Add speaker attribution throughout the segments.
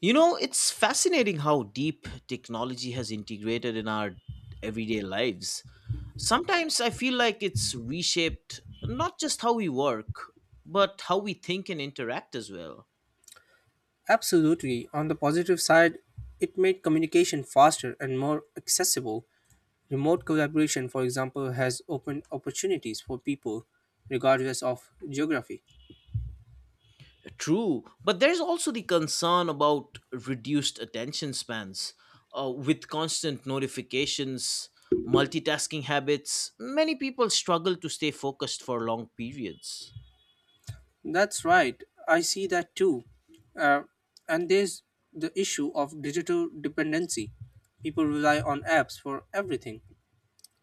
Speaker 1: It's fascinating how deep technology has integrated in our everyday lives. Sometimes I feel like it's reshaped not just how we work, but how we think and interact as well.
Speaker 2: Absolutely. On the positive side, it made communication faster and more accessible. Remote collaboration, for example, has opened opportunities for people regardless of geography.
Speaker 1: True, but there's also the concern about reduced attention spans with constant notifications, multitasking habits. Many people struggle to stay focused for long periods.
Speaker 2: That's right. I see that too. Uh, and there's the issue of digital dependency. People rely on apps for everything.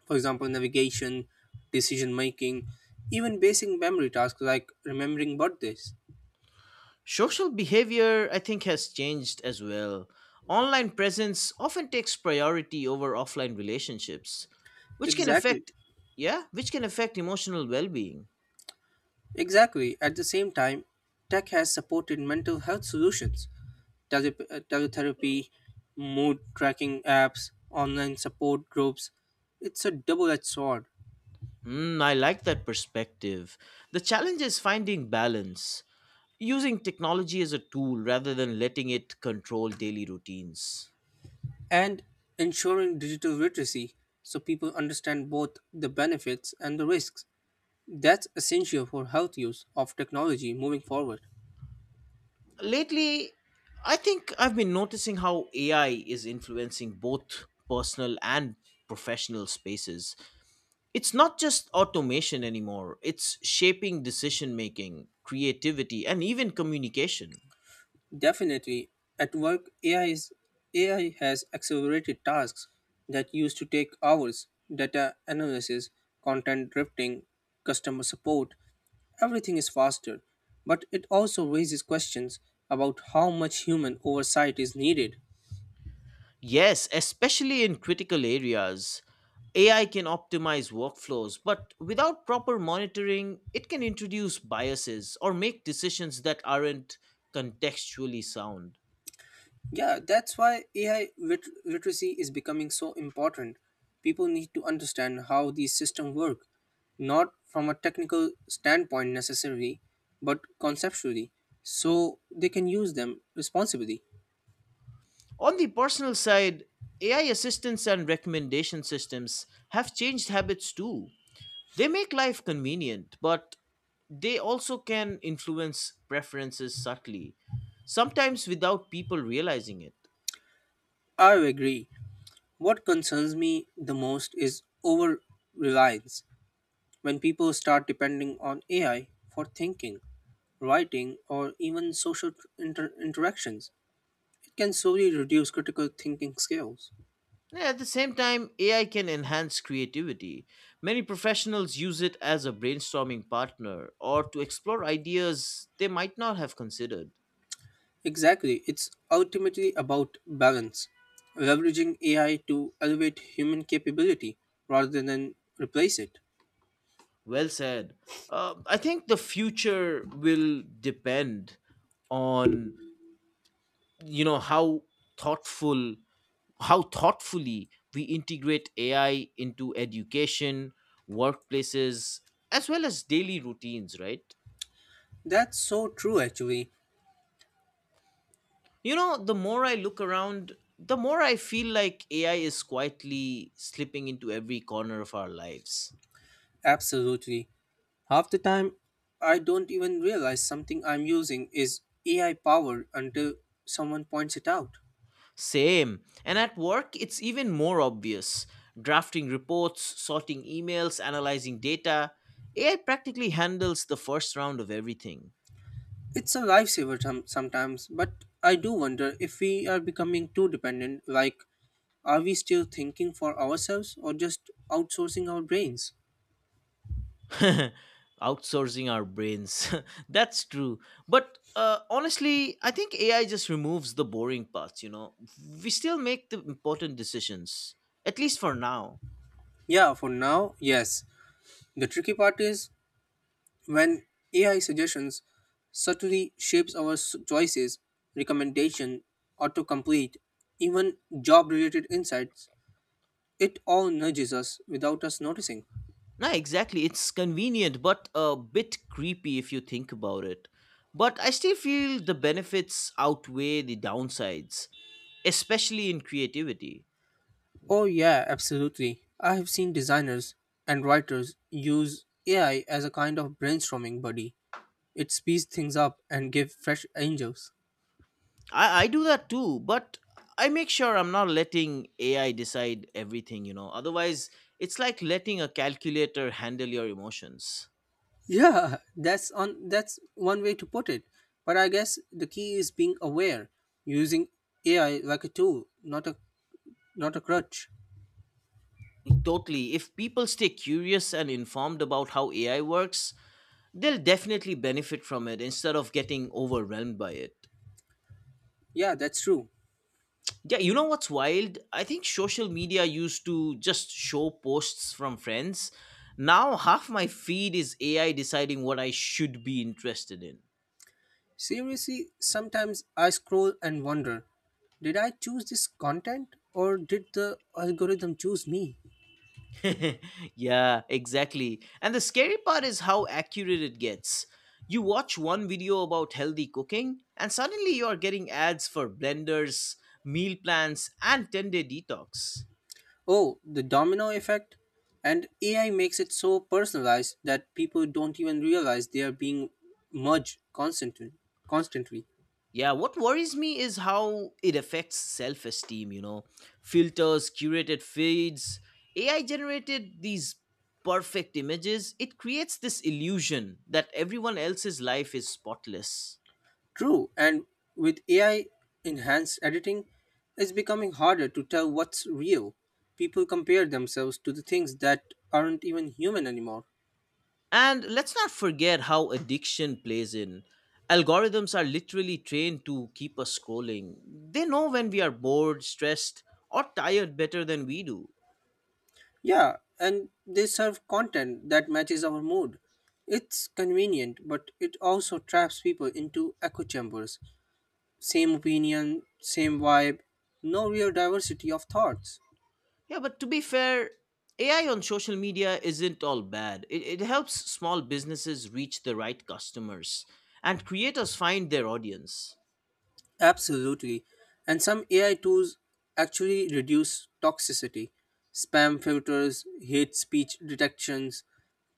Speaker 2: For example, navigation, decision making, even basic memory tasks like remembering birthdays.
Speaker 1: Social behavior, I think, has changed as well. Online presence often takes priority over offline relationships, which can
Speaker 2: Exactly.
Speaker 1: affect, yeah, which can affect emotional well being.
Speaker 2: Exactly. At the same time, tech has supported mental health solutions, teletherapy, mood tracking apps, online support groups. It's a double edged sword.
Speaker 1: Hmm, I like that perspective. The challenge is finding balance, using technology as a tool rather than letting it control daily routines.
Speaker 2: And ensuring digital literacy so people understand both the benefits and the risks. That's essential for health use of technology moving forward.
Speaker 1: Lately, I think I've been noticing how AI is influencing both personal and professional spaces. It's not just automation anymore, it's shaping decision making, creativity, and even communication.
Speaker 2: Definitely, at work, AI has accelerated tasks that used to take hours: data analysis, content drifting, customer support. Everything is faster, but it also raises questions about how much human oversight is needed.
Speaker 1: Yes, especially in critical areas, AI can optimize workflows, but without proper monitoring, it can introduce biases or make decisions that aren't contextually sound.
Speaker 2: Yeah, that's why AI literacy is becoming so important. People need to understand how these systems work, not from a technical standpoint necessarily, but conceptually, so they can use them responsibly.
Speaker 1: On the personal side, AI assistants and recommendation systems have changed habits too. They make life convenient, but they also can influence preferences subtly, sometimes without people realizing it.
Speaker 2: I agree. What concerns me the most is over reliance when people start depending on AI for thinking, writing, or even social interactions. It can slowly reduce critical thinking skills.
Speaker 1: And at the same time, AI can enhance creativity. Many professionals use it as a brainstorming partner or to explore ideas they might not have considered.
Speaker 2: Exactly, it's ultimately about balance, leveraging AI to elevate human capability rather than replace it.
Speaker 1: Well said. I think the future will depend on you know how thoughtful how thoughtfully we integrate AI into education, workplaces, as well as daily routines, right?
Speaker 2: That's so true, actually.
Speaker 1: The more I look around, the more I feel like AI is quietly slipping into every corner of our lives.
Speaker 2: Absolutely. Half the time, I don't even realize something I'm using is AI powered until someone points it out.
Speaker 1: Same. And at work, it's even more obvious. Drafting reports, sorting emails, analyzing data, AI practically handles the first round of everything.
Speaker 2: It's a lifesaver sometimes, but I do wonder if we are becoming too dependent. Like, are we still thinking for ourselves or just outsourcing our brains?
Speaker 1: Outsourcing our brains. That's true, but honestly, I think AI just removes the boring parts. We still make the important decisions, at least for now.
Speaker 2: Yeah, for now, yes. The tricky part is when AI suggestions subtly shapes our choices, recommendation, autocomplete, even job-related insights. It all nudges us without us noticing.
Speaker 1: No, exactly. It's convenient, but a bit creepy if you think about it. But I still feel the benefits outweigh the downsides, especially in creativity.
Speaker 2: Oh yeah, absolutely. I have seen designers and writers use AI as a kind of brainstorming buddy. It speeds things up and gives fresh angles.
Speaker 1: I do that too, but I make sure I'm not letting AI decide everything. Otherwise, it's like letting a calculator handle your emotions.
Speaker 2: Yeah, that's one way to put it. But I guess the key is being aware, using AI like a tool, not a crutch.
Speaker 1: Totally. If people stay curious and informed about how AI works, they'll definitely benefit from it instead of getting overwhelmed by it.
Speaker 2: Yeah, that's true.
Speaker 1: Yeah, you know what's wild? I think social media used to just show posts from friends. Now, half my feed is AI deciding what I should be interested in.
Speaker 2: Seriously, sometimes I scroll and wonder, did I choose this content or did the algorithm choose me?
Speaker 1: Yeah, exactly. And the scary part is how accurate it gets. You watch one video about healthy cooking, and suddenly you are getting ads for blenders, meal plans, and 10-day detox.
Speaker 2: Oh, the domino effect, and AI makes it so personalized that people don't even realize they are being merged constantly. Constantly.
Speaker 1: Yeah, what worries me is how it affects self esteem. Filters, curated feeds, AI generated these perfect images. It creates this illusion that everyone else's life is spotless.
Speaker 2: True, and with AI enhanced editing, it's becoming harder to tell what's real. People compare themselves to the things that aren't even human anymore.
Speaker 1: And let's not forget how addiction plays in. Algorithms are literally trained to keep us scrolling. They know when we are bored, stressed, or tired better than we do.
Speaker 2: Yeah, and they serve content that matches our mood. It's convenient, but it also traps people into echo chambers. Same opinion, same vibe, no real diversity of thoughts.
Speaker 1: Yeah, but to be fair, AI on social media isn't all bad. It helps small businesses reach the right customers and creators find their audience.
Speaker 2: Absolutely. And some AI tools actually reduce toxicity. Spam filters, hate speech detections,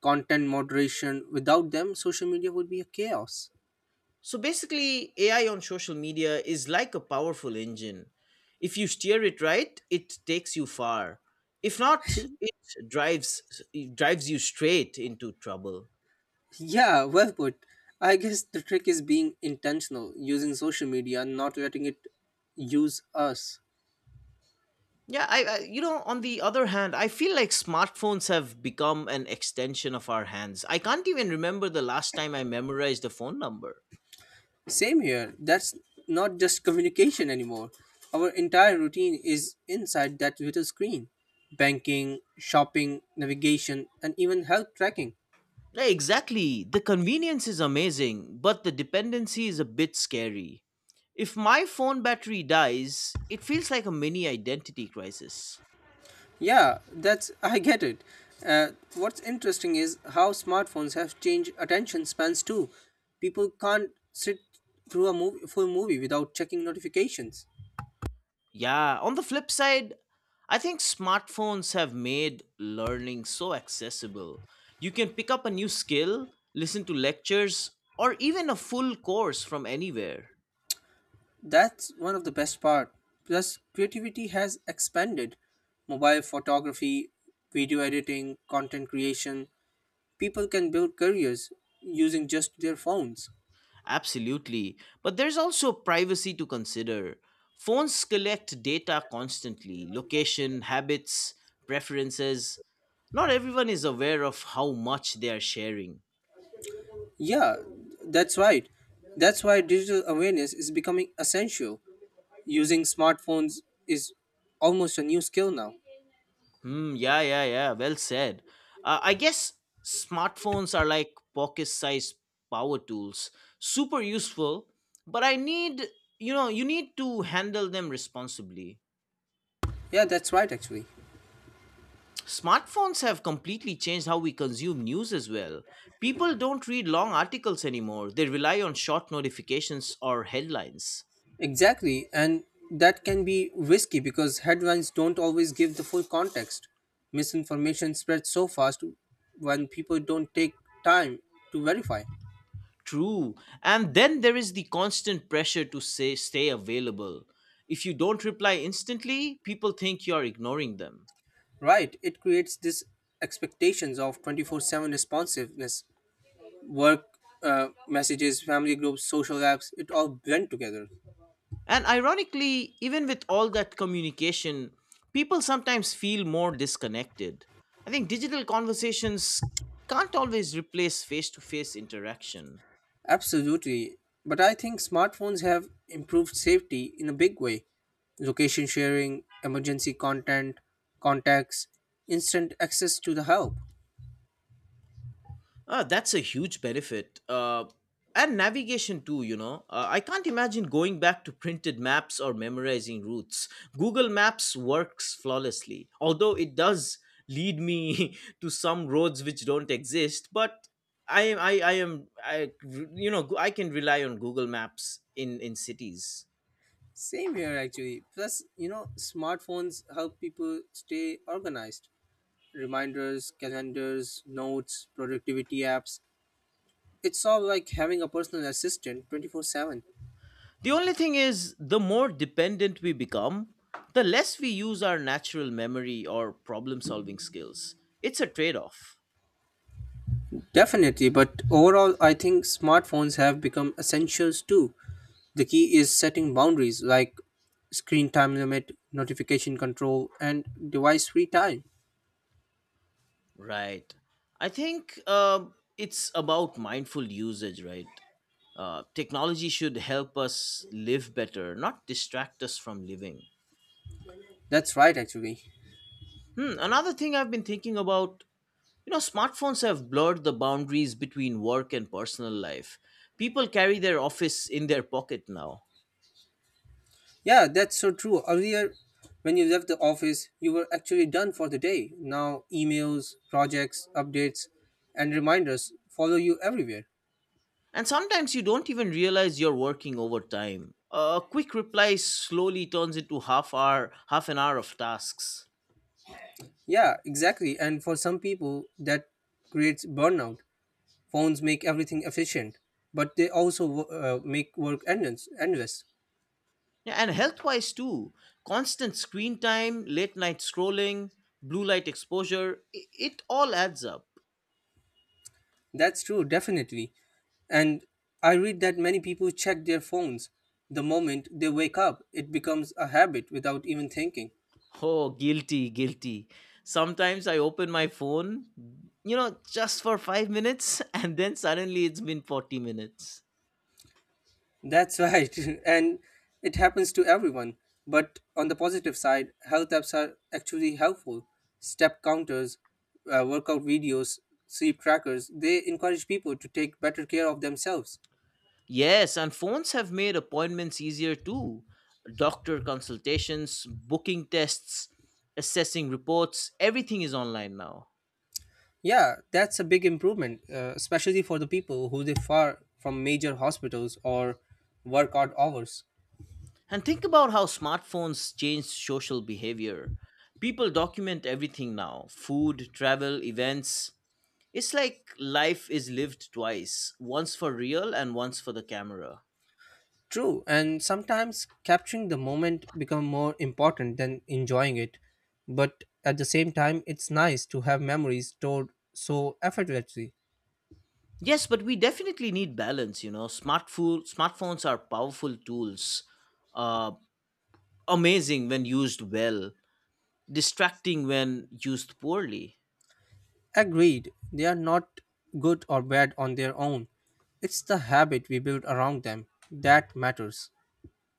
Speaker 2: content moderation. Without them, social media would be a chaos.
Speaker 1: So basically, AI on social media is like a powerful engine. If you steer it right, it takes you far. If not, it drives drives you straight into trouble.
Speaker 2: Yeah, well put. I guess the trick is being intentional, using social media, not letting it use us.
Speaker 1: Yeah, on the other hand, I feel like smartphones have become an extension of our hands. I can't even remember the last time I memorized a phone number.
Speaker 2: Same here. That's not just communication anymore. Our entire routine is inside that little screen: banking, shopping, navigation, and even health tracking.
Speaker 1: Yeah, exactly. The convenience is amazing, but the dependency is a bit scary. If my phone battery dies, it feels like a mini identity crisis.
Speaker 2: Yeah, that's. I get it. Uh, what's interesting is how smartphones have changed attention spans too. People can't sit through full movie without checking notifications.
Speaker 1: Yeah, on the flip side, I think smartphones have made learning so accessible. You can pick up a new skill, listen to lectures, or even a full course from anywhere.
Speaker 2: That's one of the best part. Plus, creativity has expanded. Mobile photography, video editing, content creation. People can build careers using just their phones.
Speaker 1: Absolutely. But there's also privacy to consider. Phones collect data constantly: location, habits, preferences. Not everyone is aware of how much they are sharing.
Speaker 2: Yeah, that's right. That's why digital awareness is becoming essential. Using smartphones is almost a new skill now.
Speaker 1: Hmm, yeah, yeah, yeah. Well said. I guess smartphones are like pocket sized power tools, super useful, but I need, you know, you need to handle them responsibly.
Speaker 2: Yeah, that's right actually.
Speaker 1: Smartphones have completely changed how we consume news as well. People don't read long articles anymore, they rely on short notifications or headlines.
Speaker 2: Exactly, and that can be risky because headlines don't always give the full context. Misinformation spreads so fast when people don't take time to verify.
Speaker 1: True. And then there is the constant pressure to stay available. If you don't reply instantly, people think you're ignoring them.
Speaker 2: Right, it creates this expectations of 24/7 responsiveness. Work messages, family groups, social apps, it all blend together.
Speaker 1: And ironically, even with all that communication, people sometimes feel more disconnected. I think digital conversations can't always replace face to face interaction.
Speaker 2: Absolutely. But I think smartphones have improved safety in a big way. Location sharing, emergency content, contacts, instant access to the help.
Speaker 1: Ah, that's a huge benefit. And navigation too. I can't imagine going back to printed maps or memorizing routes. Google Maps works flawlessly, although it does lead me to some roads which don't exist. But I am, I, I am, I, I can rely on Google Maps in cities.
Speaker 2: Same here actually. Plus, smartphones help people stay organized. Reminders, calendars, notes, productivity apps. It's all like having a personal assistant 24/7.
Speaker 1: The only thing is, the more dependent we become, the less we use our natural memory or problem solving skills. It's a trade off.
Speaker 2: Definitely, but overall, I think smartphones have become essentials too. The key is setting boundaries like screen time limit, notification control, and device free time.
Speaker 1: Right. I think it's about mindful usage, right? Technology should help us live better, not distract us from living.
Speaker 2: That's right, actually.
Speaker 1: Hmm, another thing I've been thinking about. Smartphones have blurred the boundaries between work and personal life. People carry their office in their pocket now.
Speaker 2: Yeah, that's so true. Earlier, when you left the office, you were actually done for the day. Now, emails, projects, updates, and reminders follow you everywhere.
Speaker 1: And sometimes you don't even realize you're working overtime. A quick reply slowly turns into half an hour of tasks.
Speaker 2: Yeah, exactly. And for some people, that creates burnout. Phones make everything efficient, but they also make work endless. Endless.
Speaker 1: Yeah, and health wise too, constant screen time, late night scrolling, blue light exposure, it all adds up.
Speaker 2: That's true, definitely. And I read that many people check their phones the moment they wake up. It becomes a habit without even thinking.
Speaker 1: Oh, guilty, guilty. Sometimes I open my phone, just for 5 minutes, and then suddenly it's been 40 minutes.
Speaker 2: That's right. And it happens to everyone. But on the positive side, health apps are actually helpful. Step counters, workout videos, sleep trackers, they encourage people to take better care of themselves.
Speaker 1: Yes, and phones have made appointments easier too. Doctor consultations, booking tests, assessing reports, everything is online now.
Speaker 2: Yeah, that's a big improvement, especially for the people who live far from major hospitals or work odd hours.
Speaker 1: And think about how smartphones changed social behavior. People document everything now: food, travel, events. It's like life is lived twice, once for real and once for the camera.
Speaker 2: True, and sometimes capturing the moment become more important than enjoying it. But at the same time, it's nice to have memories stored so effortlessly.
Speaker 1: Yes, but we definitely need balance. Smartphones are powerful tools, uh, amazing when used well, distracting when used poorly.
Speaker 2: Agreed, they are not good or bad on their own. It's the habit we build around them that matters.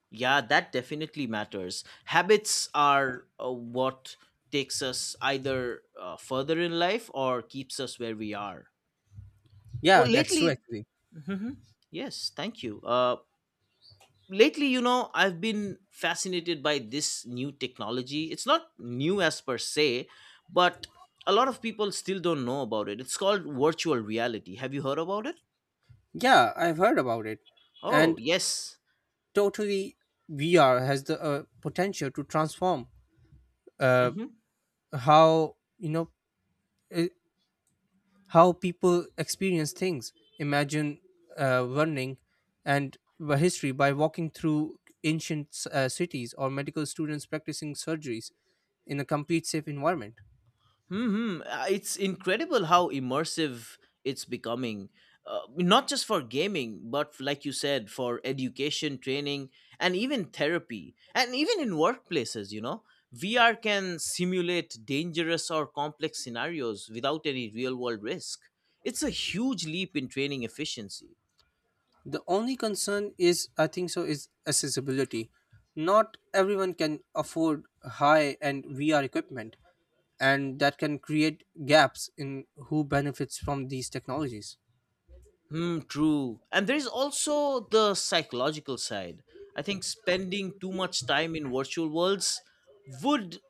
Speaker 1: Yeah, that definitely matters. Habits are what takes us either further in life or keeps us where we are. Oh,
Speaker 2: Yeah, that's true
Speaker 1: lately,
Speaker 2: actually.
Speaker 1: Mhm. Yes, thank you. Lately, I've been fascinated by this new technology. It's not new as per se, but a lot of people still don't know about it. It's called virtual reality. Have you heard about it?
Speaker 2: Yeah, I've heard about it.
Speaker 1: Oh,
Speaker 2: And
Speaker 1: yes.
Speaker 2: totally, VR has the potential to transform uh,
Speaker 1: Mhm.
Speaker 2: how you know uh, how people experience things. Imagine learning and the history by walking through ancient cities, or medical students practicing surgeries in a complete safe environment.
Speaker 1: hmm It's incredible how immersive it's becoming, not just for gaming, but like you said, for education, training, and even therapy, and even in workplaces. VR can simulate dangerous or complex scenarios without any real-world risk. It's a huge leap in training efficiency.
Speaker 2: The only concern is, I think so, is accessibility. Not everyone can afford high end VR equipment, and that can create gaps in who benefits from these technologies.
Speaker 1: Hmm, true. And there is also the psychological side. I think spending too much time in virtual worlds would,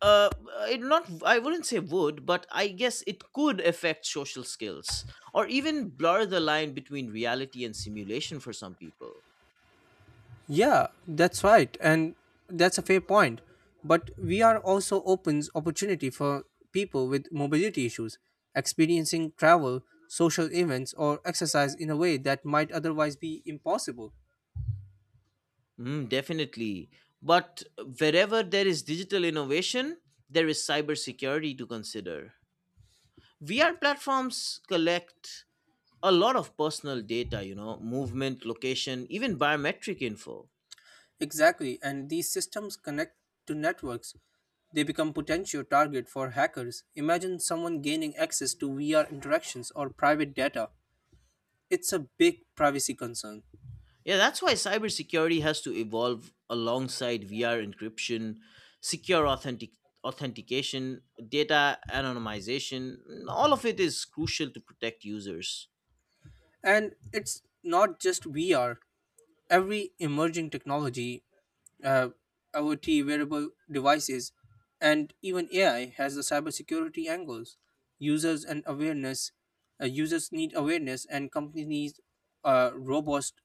Speaker 1: uh it, not, I wouldn't say would, but I guess it could affect social skills or even blur the line between reality and simulation for some people.
Speaker 2: Yeah, that's right, and that's a fair point. But VR also opens opportunity for people with mobility issues, experiencing travel, social events, or exercise in a way that might otherwise be impossible.
Speaker 1: Mm, definitely. But wherever there is digital innovation, there is cybersecurity to consider. VR platforms collect a lot of personal data, movement, location, even biometric info.
Speaker 2: Exactly, and these systems connect to networks. They become potential target for hackers. Imagine someone gaining access to VR interactions or private data. It's a big privacy concern.
Speaker 1: Yeah, that's why cybersecurity has to evolve alongside VR encryption, secure authentication, data anonymization. All of it is crucial to protect users.
Speaker 2: And it's not just VR. Every emerging technology, uh, IoT wearable devices, and even AI has the cybersecurity angles. Users and awareness, users need awareness, and companies need robust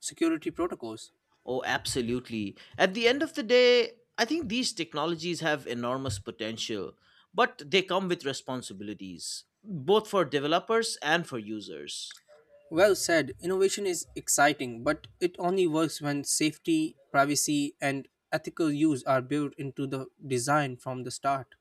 Speaker 2: security protocols.
Speaker 1: Oh, absolutely. At the end of the day, I think these technologies have enormous potential, but they come with responsibilities, both for developers and for users.
Speaker 2: Well said. Innovation is exciting, but it only works when safety, privacy, and ethical use are built into the design from the start.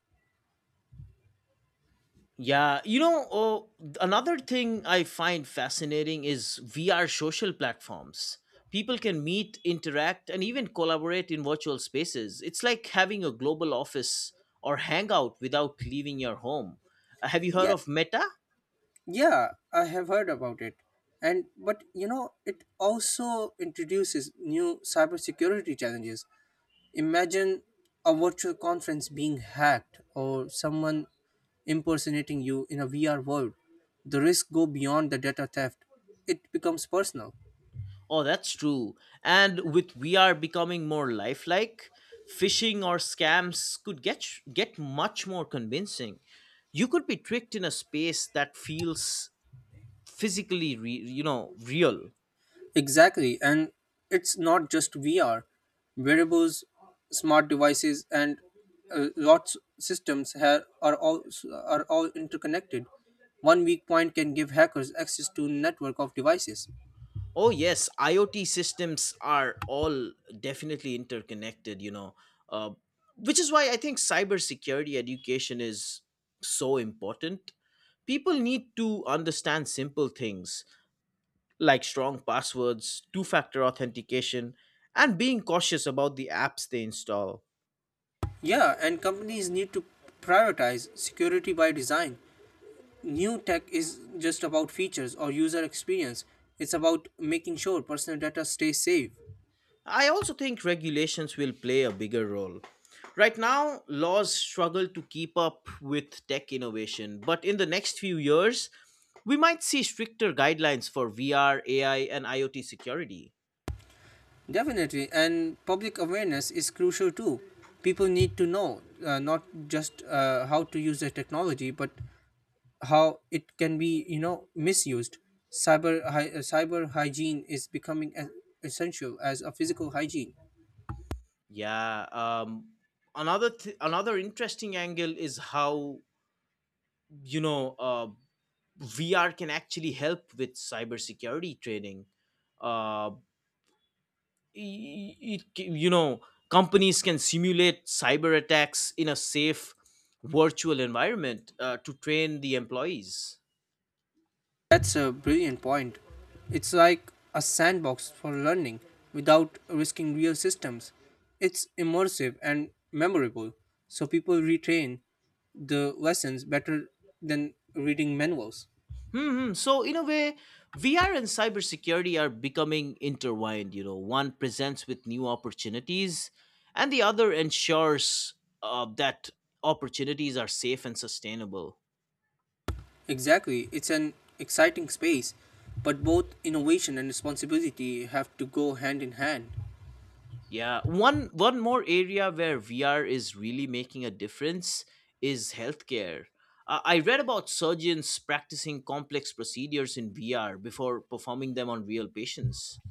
Speaker 1: Yeah, another thing I find fascinating is VR social platforms. People can meet, interact, and even collaborate in virtual spaces. It's like having a global office or hangout without leaving your home. Have you heard
Speaker 2: Yeah,
Speaker 1: of Meta?
Speaker 2: Yeah, I have heard about it. And but it also introduces new cybersecurity challenges. Imagine a virtual conference being hacked or someone impersonating you in a VR world. The risks go beyond the data theft. It becomes personal.
Speaker 1: Oh, that's true. And with VR becoming more lifelike, phishing or scams could get much more convincing. You could be tricked in a space that feels physically real.
Speaker 2: Exactly, and it's not just VR. Wearables, smart devices, and lots systems have, are all interconnected. One weak point can give hackers access to network of devices.
Speaker 1: Oh yes, IoT systems are all definitely interconnected. Uh, which is why I think cybersecurity education is so important. People need to understand simple things like strong passwords, two-factor authentication, and being cautious about the apps they install.
Speaker 2: Yeah, and companies need to prioritize security by design. New tech is just about features or user experience. It's about making sure personal data stays safe.
Speaker 1: I also think regulations will play a bigger role. Right now, laws struggle to keep up with tech innovation, but in the next few years, we might see stricter guidelines for VR, AI, and IoT security.
Speaker 2: Definitely, and public awareness is crucial too. People need to know not just how to use the technology, but how it can be misused. Cyber hygiene is becoming as essential as a physical hygiene.
Speaker 1: Yeah. Another interesting angle is how you know uh, VR can actually help with cybersecurity training. Uh, y- it, you know companies can simulate cyber attacks in a safe virtual environment, to train the employees.
Speaker 2: That's a brilliant point. It's like a sandbox for learning without risking real systems. It's immersive and memorable, so people retain the lessons better than reading manuals.
Speaker 1: Hmm. So in a way, VR and cybersecurity are becoming intertwined, you know. One presents with new opportunities and the other ensures that opportunities are safe and sustainable.
Speaker 2: Exactly, it's an exciting space, but both innovation and responsibility have to go hand in hand.
Speaker 1: Yeah, one more area where VR is really making a difference is healthcare. I read about surgeons practicing complex procedures in VR before performing them on real patients.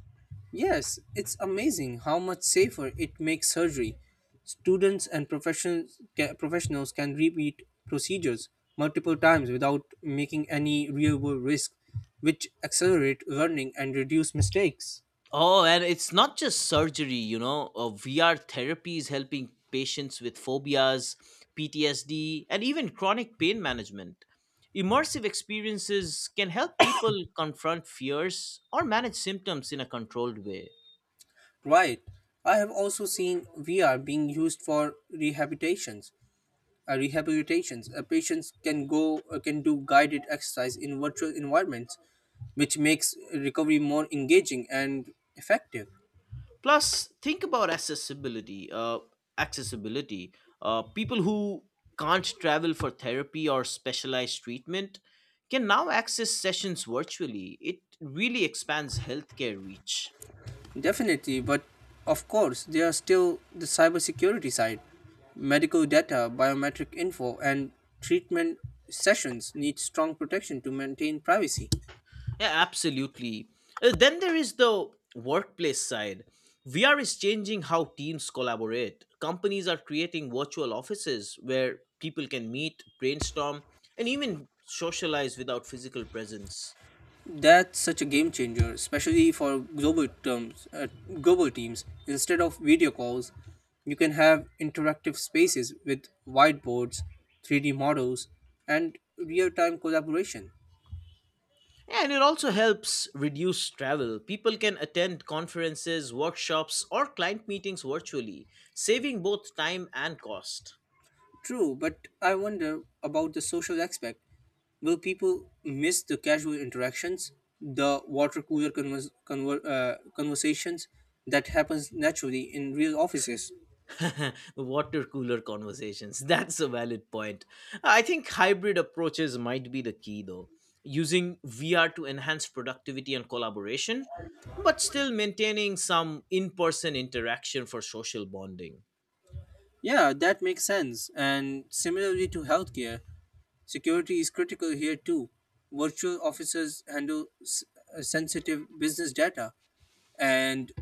Speaker 2: Yes, it's amazing how much safer it makes surgery. Students and professionals can repeat procedures multiple times without making any real-world risk, which accelerate learning and reduce mistakes.
Speaker 1: Oh, and it's not just surgery, you know. VR therapy is helping patients with phobias, PTSD, and even chronic pain management. Immersive experiences can help people confront fears or manage symptoms in a controlled way.
Speaker 2: Right. I have also seen VR being used for rehabilitations. Patients can do guided exercise in virtual environments, which makes recovery more engaging and effective.
Speaker 1: Plus, think about accessibility, accessibility people who can't travel for therapy or specialized treatment can now access sessions virtually. It really expands healthcare reach.
Speaker 2: Definitely, but of course, there are still the cybersecurity side. Medical data, biometric info, and treatment sessions need strong protection to maintain privacy.
Speaker 1: Yeah, absolutely. Then there is the workplace side. VR is changing how teams collaborate. Companies are creating virtual offices where people can meet, brainstorm, and even socialize without physical presence.
Speaker 2: That's such a game changer, especially for global teams. Instead of video calls, you can have interactive spaces with whiteboards, 3D models, and real-time collaboration.
Speaker 1: And it also helps reduce travel. People can attend conferences, workshops, or client meetings virtually, saving both time and cost.
Speaker 2: True, but I wonder about the social aspect. Will people miss the casual interactions, the water cooler conversations that happens naturally in real offices?
Speaker 1: Water cooler conversations. That's a valid point. I think hybrid approaches might be the key, though. Using VR to enhance productivity and collaboration, but still maintaining some in person interaction for social bonding.
Speaker 2: Yeah, that makes sense. And similarly to healthcare, security is critical here too. Virtual officers handle sensitive business data, and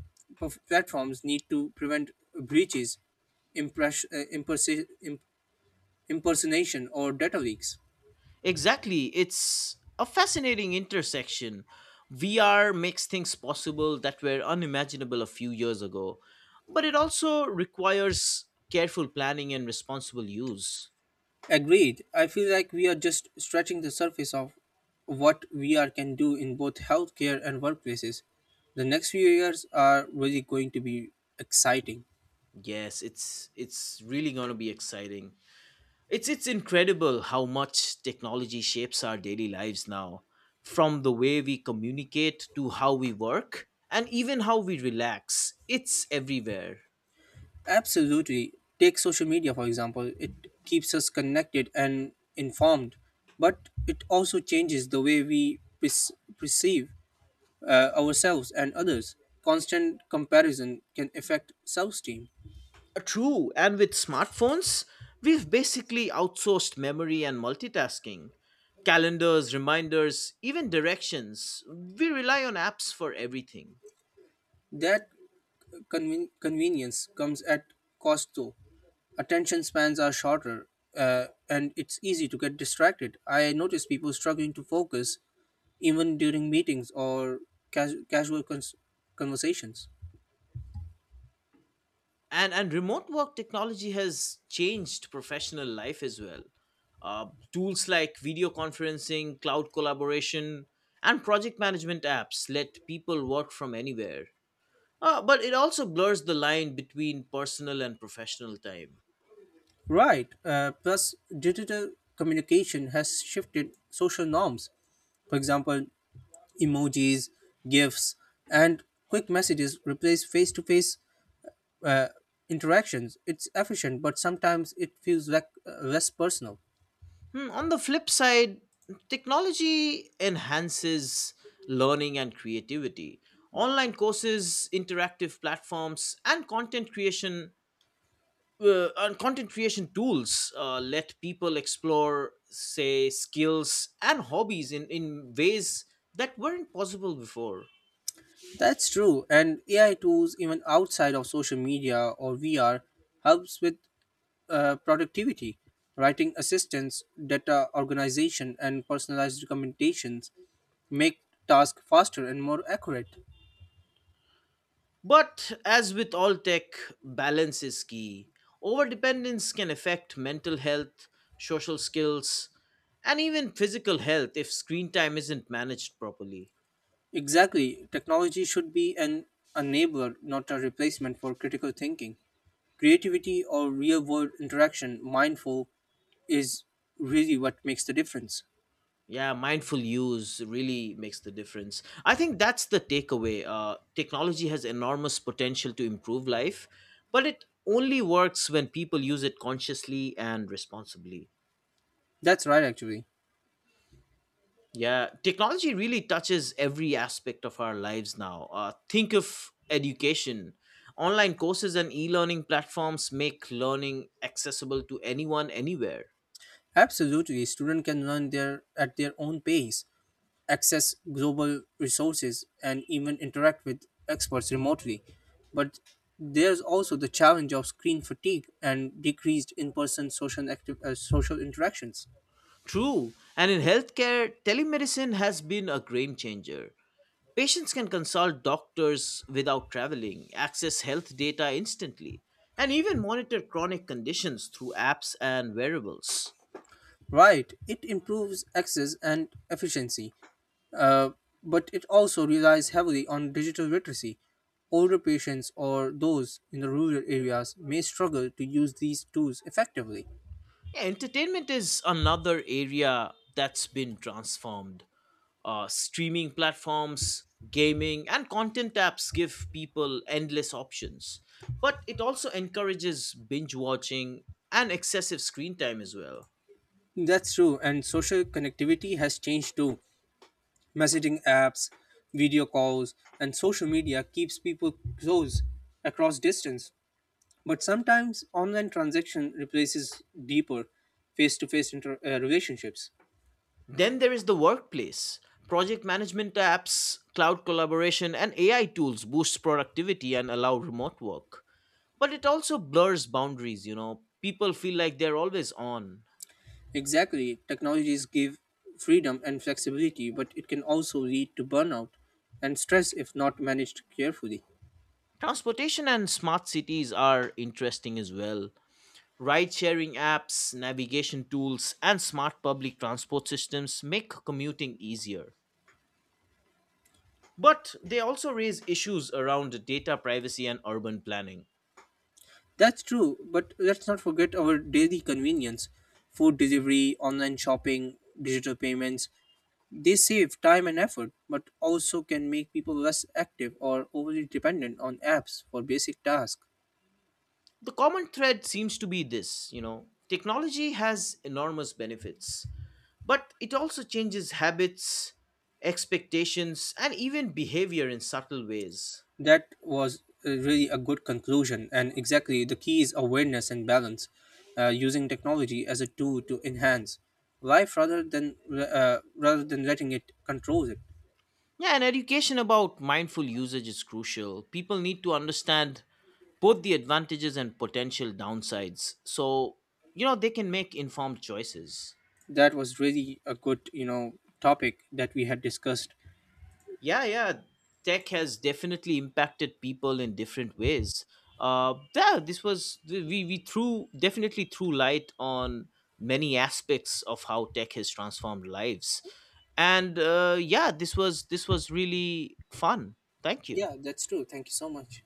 Speaker 2: platforms need to prevent breaches, impress- uh, impersi- im- impersonation, or data leaks.
Speaker 1: Exactly. It's a fascinating intersection. VR makes things possible that were unimaginable a few years ago, but it also requires careful planning and responsible use.
Speaker 2: Agreed. I feel like we are just stretching the surface of what VR can do in both healthcare and workplaces. The next few years are really going to be exciting.
Speaker 1: Yes, it's really going to be exciting. It's incredible how much technology shapes our daily lives now, from the way we communicate to how we work and even how we relax. It's everywhere.
Speaker 2: Absolutely. Take social media, for example. It keeps us connected and informed, but it also changes the way we perceive ourselves and others. Constant comparison can affect self esteem.
Speaker 1: True, and with smartphones, we've basically outsourced memory and multitasking. Calendars, reminders, even directions. We rely on apps for everything.
Speaker 2: That convenience comes at cost, though. Attention spans are shorter, and it's easy to get distracted. I notice people struggling to focus even during meetings or casual conversations.
Speaker 1: And remote work technology has changed professional life as well. Uh, Tools like video conferencing, cloud collaboration, and project management apps let people work from anywhere. But it also blurs the line between personal and professional time.
Speaker 2: Right. Plus, digital communication has shifted social norms. For example, emojis, GIFs, and quick messages replace face to face interactions. It's efficient, but sometimes it feels like less personal.
Speaker 1: Hmm, on the flip side, technology enhances learning and creativity. Online courses, interactive platforms, and content creation tools let people explore, say, skills and hobbies in ways that weren't possible before.
Speaker 2: That's true, and AI tools, even outside of social media or VR, helps with productivity, writing assistance, data organization, and personalized recommendations make tasks faster and more accurate.
Speaker 1: But as with all tech, balance is key. Overdependence can affect mental health, social skills, and even physical health if screen time isn't managed properly.
Speaker 2: Exactly, technology should be an enabler, not a replacement for critical thinking. Creativity or real world interaction, mindful, is really what makes the difference.
Speaker 1: Yeah, mindful use really makes the difference. I think that's the takeaway. Technology has enormous potential to improve life, but it only works when people use it consciously and responsibly.
Speaker 2: That's right, actually.
Speaker 1: Yeah, technology really touches every aspect of our lives now. Think of education. Online courses and e learning platforms make learning accessible to anyone, anywhere.
Speaker 2: Absolutely, students can learn their at their own pace, access global resources, and even interact with experts remotely. But there's also the challenge of screen fatigue and decreased in-person social interactions.
Speaker 1: True. And in healthcare, telemedicine has been a game changer. Patients can consult doctors without traveling, access health data instantly, and even monitor chronic conditions through apps and wearables.
Speaker 2: Right, it improves access and efficiency, uh, but it also relies heavily on digital literacy. Older patients or those in the rural areas may struggle to use these tools effectively.
Speaker 1: Yeah, entertainment is another area that's been transformed. Streaming platforms, gaming, and content apps give people endless options. But it also encourages binge watching and excessive screen time as well.
Speaker 2: That's true, and social connectivity has changed too. Messaging apps, video calls, and social media keeps people close across distance. But sometimes online transaction replaces deeper face-to-face relationships.
Speaker 1: Then there is the workplace. Project management apps, cloud collaboration, and AI tools boost productivity and allow remote work. But it also blurs boundaries, you know. People feel like they're always on.
Speaker 2: Exactly, technologies give freedom and flexibility, but it can also lead to burnout and stress if not managed carefully.
Speaker 1: Transportation and smart cities are interesting as well. Ride sharing apps, navigation tools, and smart public transport systems make commuting easier. But they also raise issues around data privacy and urban planning.
Speaker 2: That's true, but let's not forget our daily convenience: food delivery, online shopping, digital payments. They save time and effort, but also can make people less active or overly dependent on apps for basic tasks.
Speaker 1: The common thread seems to be this, you know, technology has enormous benefits, but it also changes habits, expectations, and even behavior in subtle ways.
Speaker 2: That was really a good conclusion, and exactly the key is awareness and balance, using technology as a tool to enhance life rather than letting it control it.
Speaker 1: Yeah, and education about mindful usage is crucial. People need to understand both the advantages and potential downsides, so you know they can make informed choices.
Speaker 2: That was really a good topic that we had discussed.
Speaker 1: Yeah, yeah, tech has definitely impacted people in different ways. Yeah, this was, we threw definitely threw light on many aspects of how tech has transformed lives. And yeah, this was really fun. Thank you.
Speaker 2: Yeah, that's true. Thank you so much.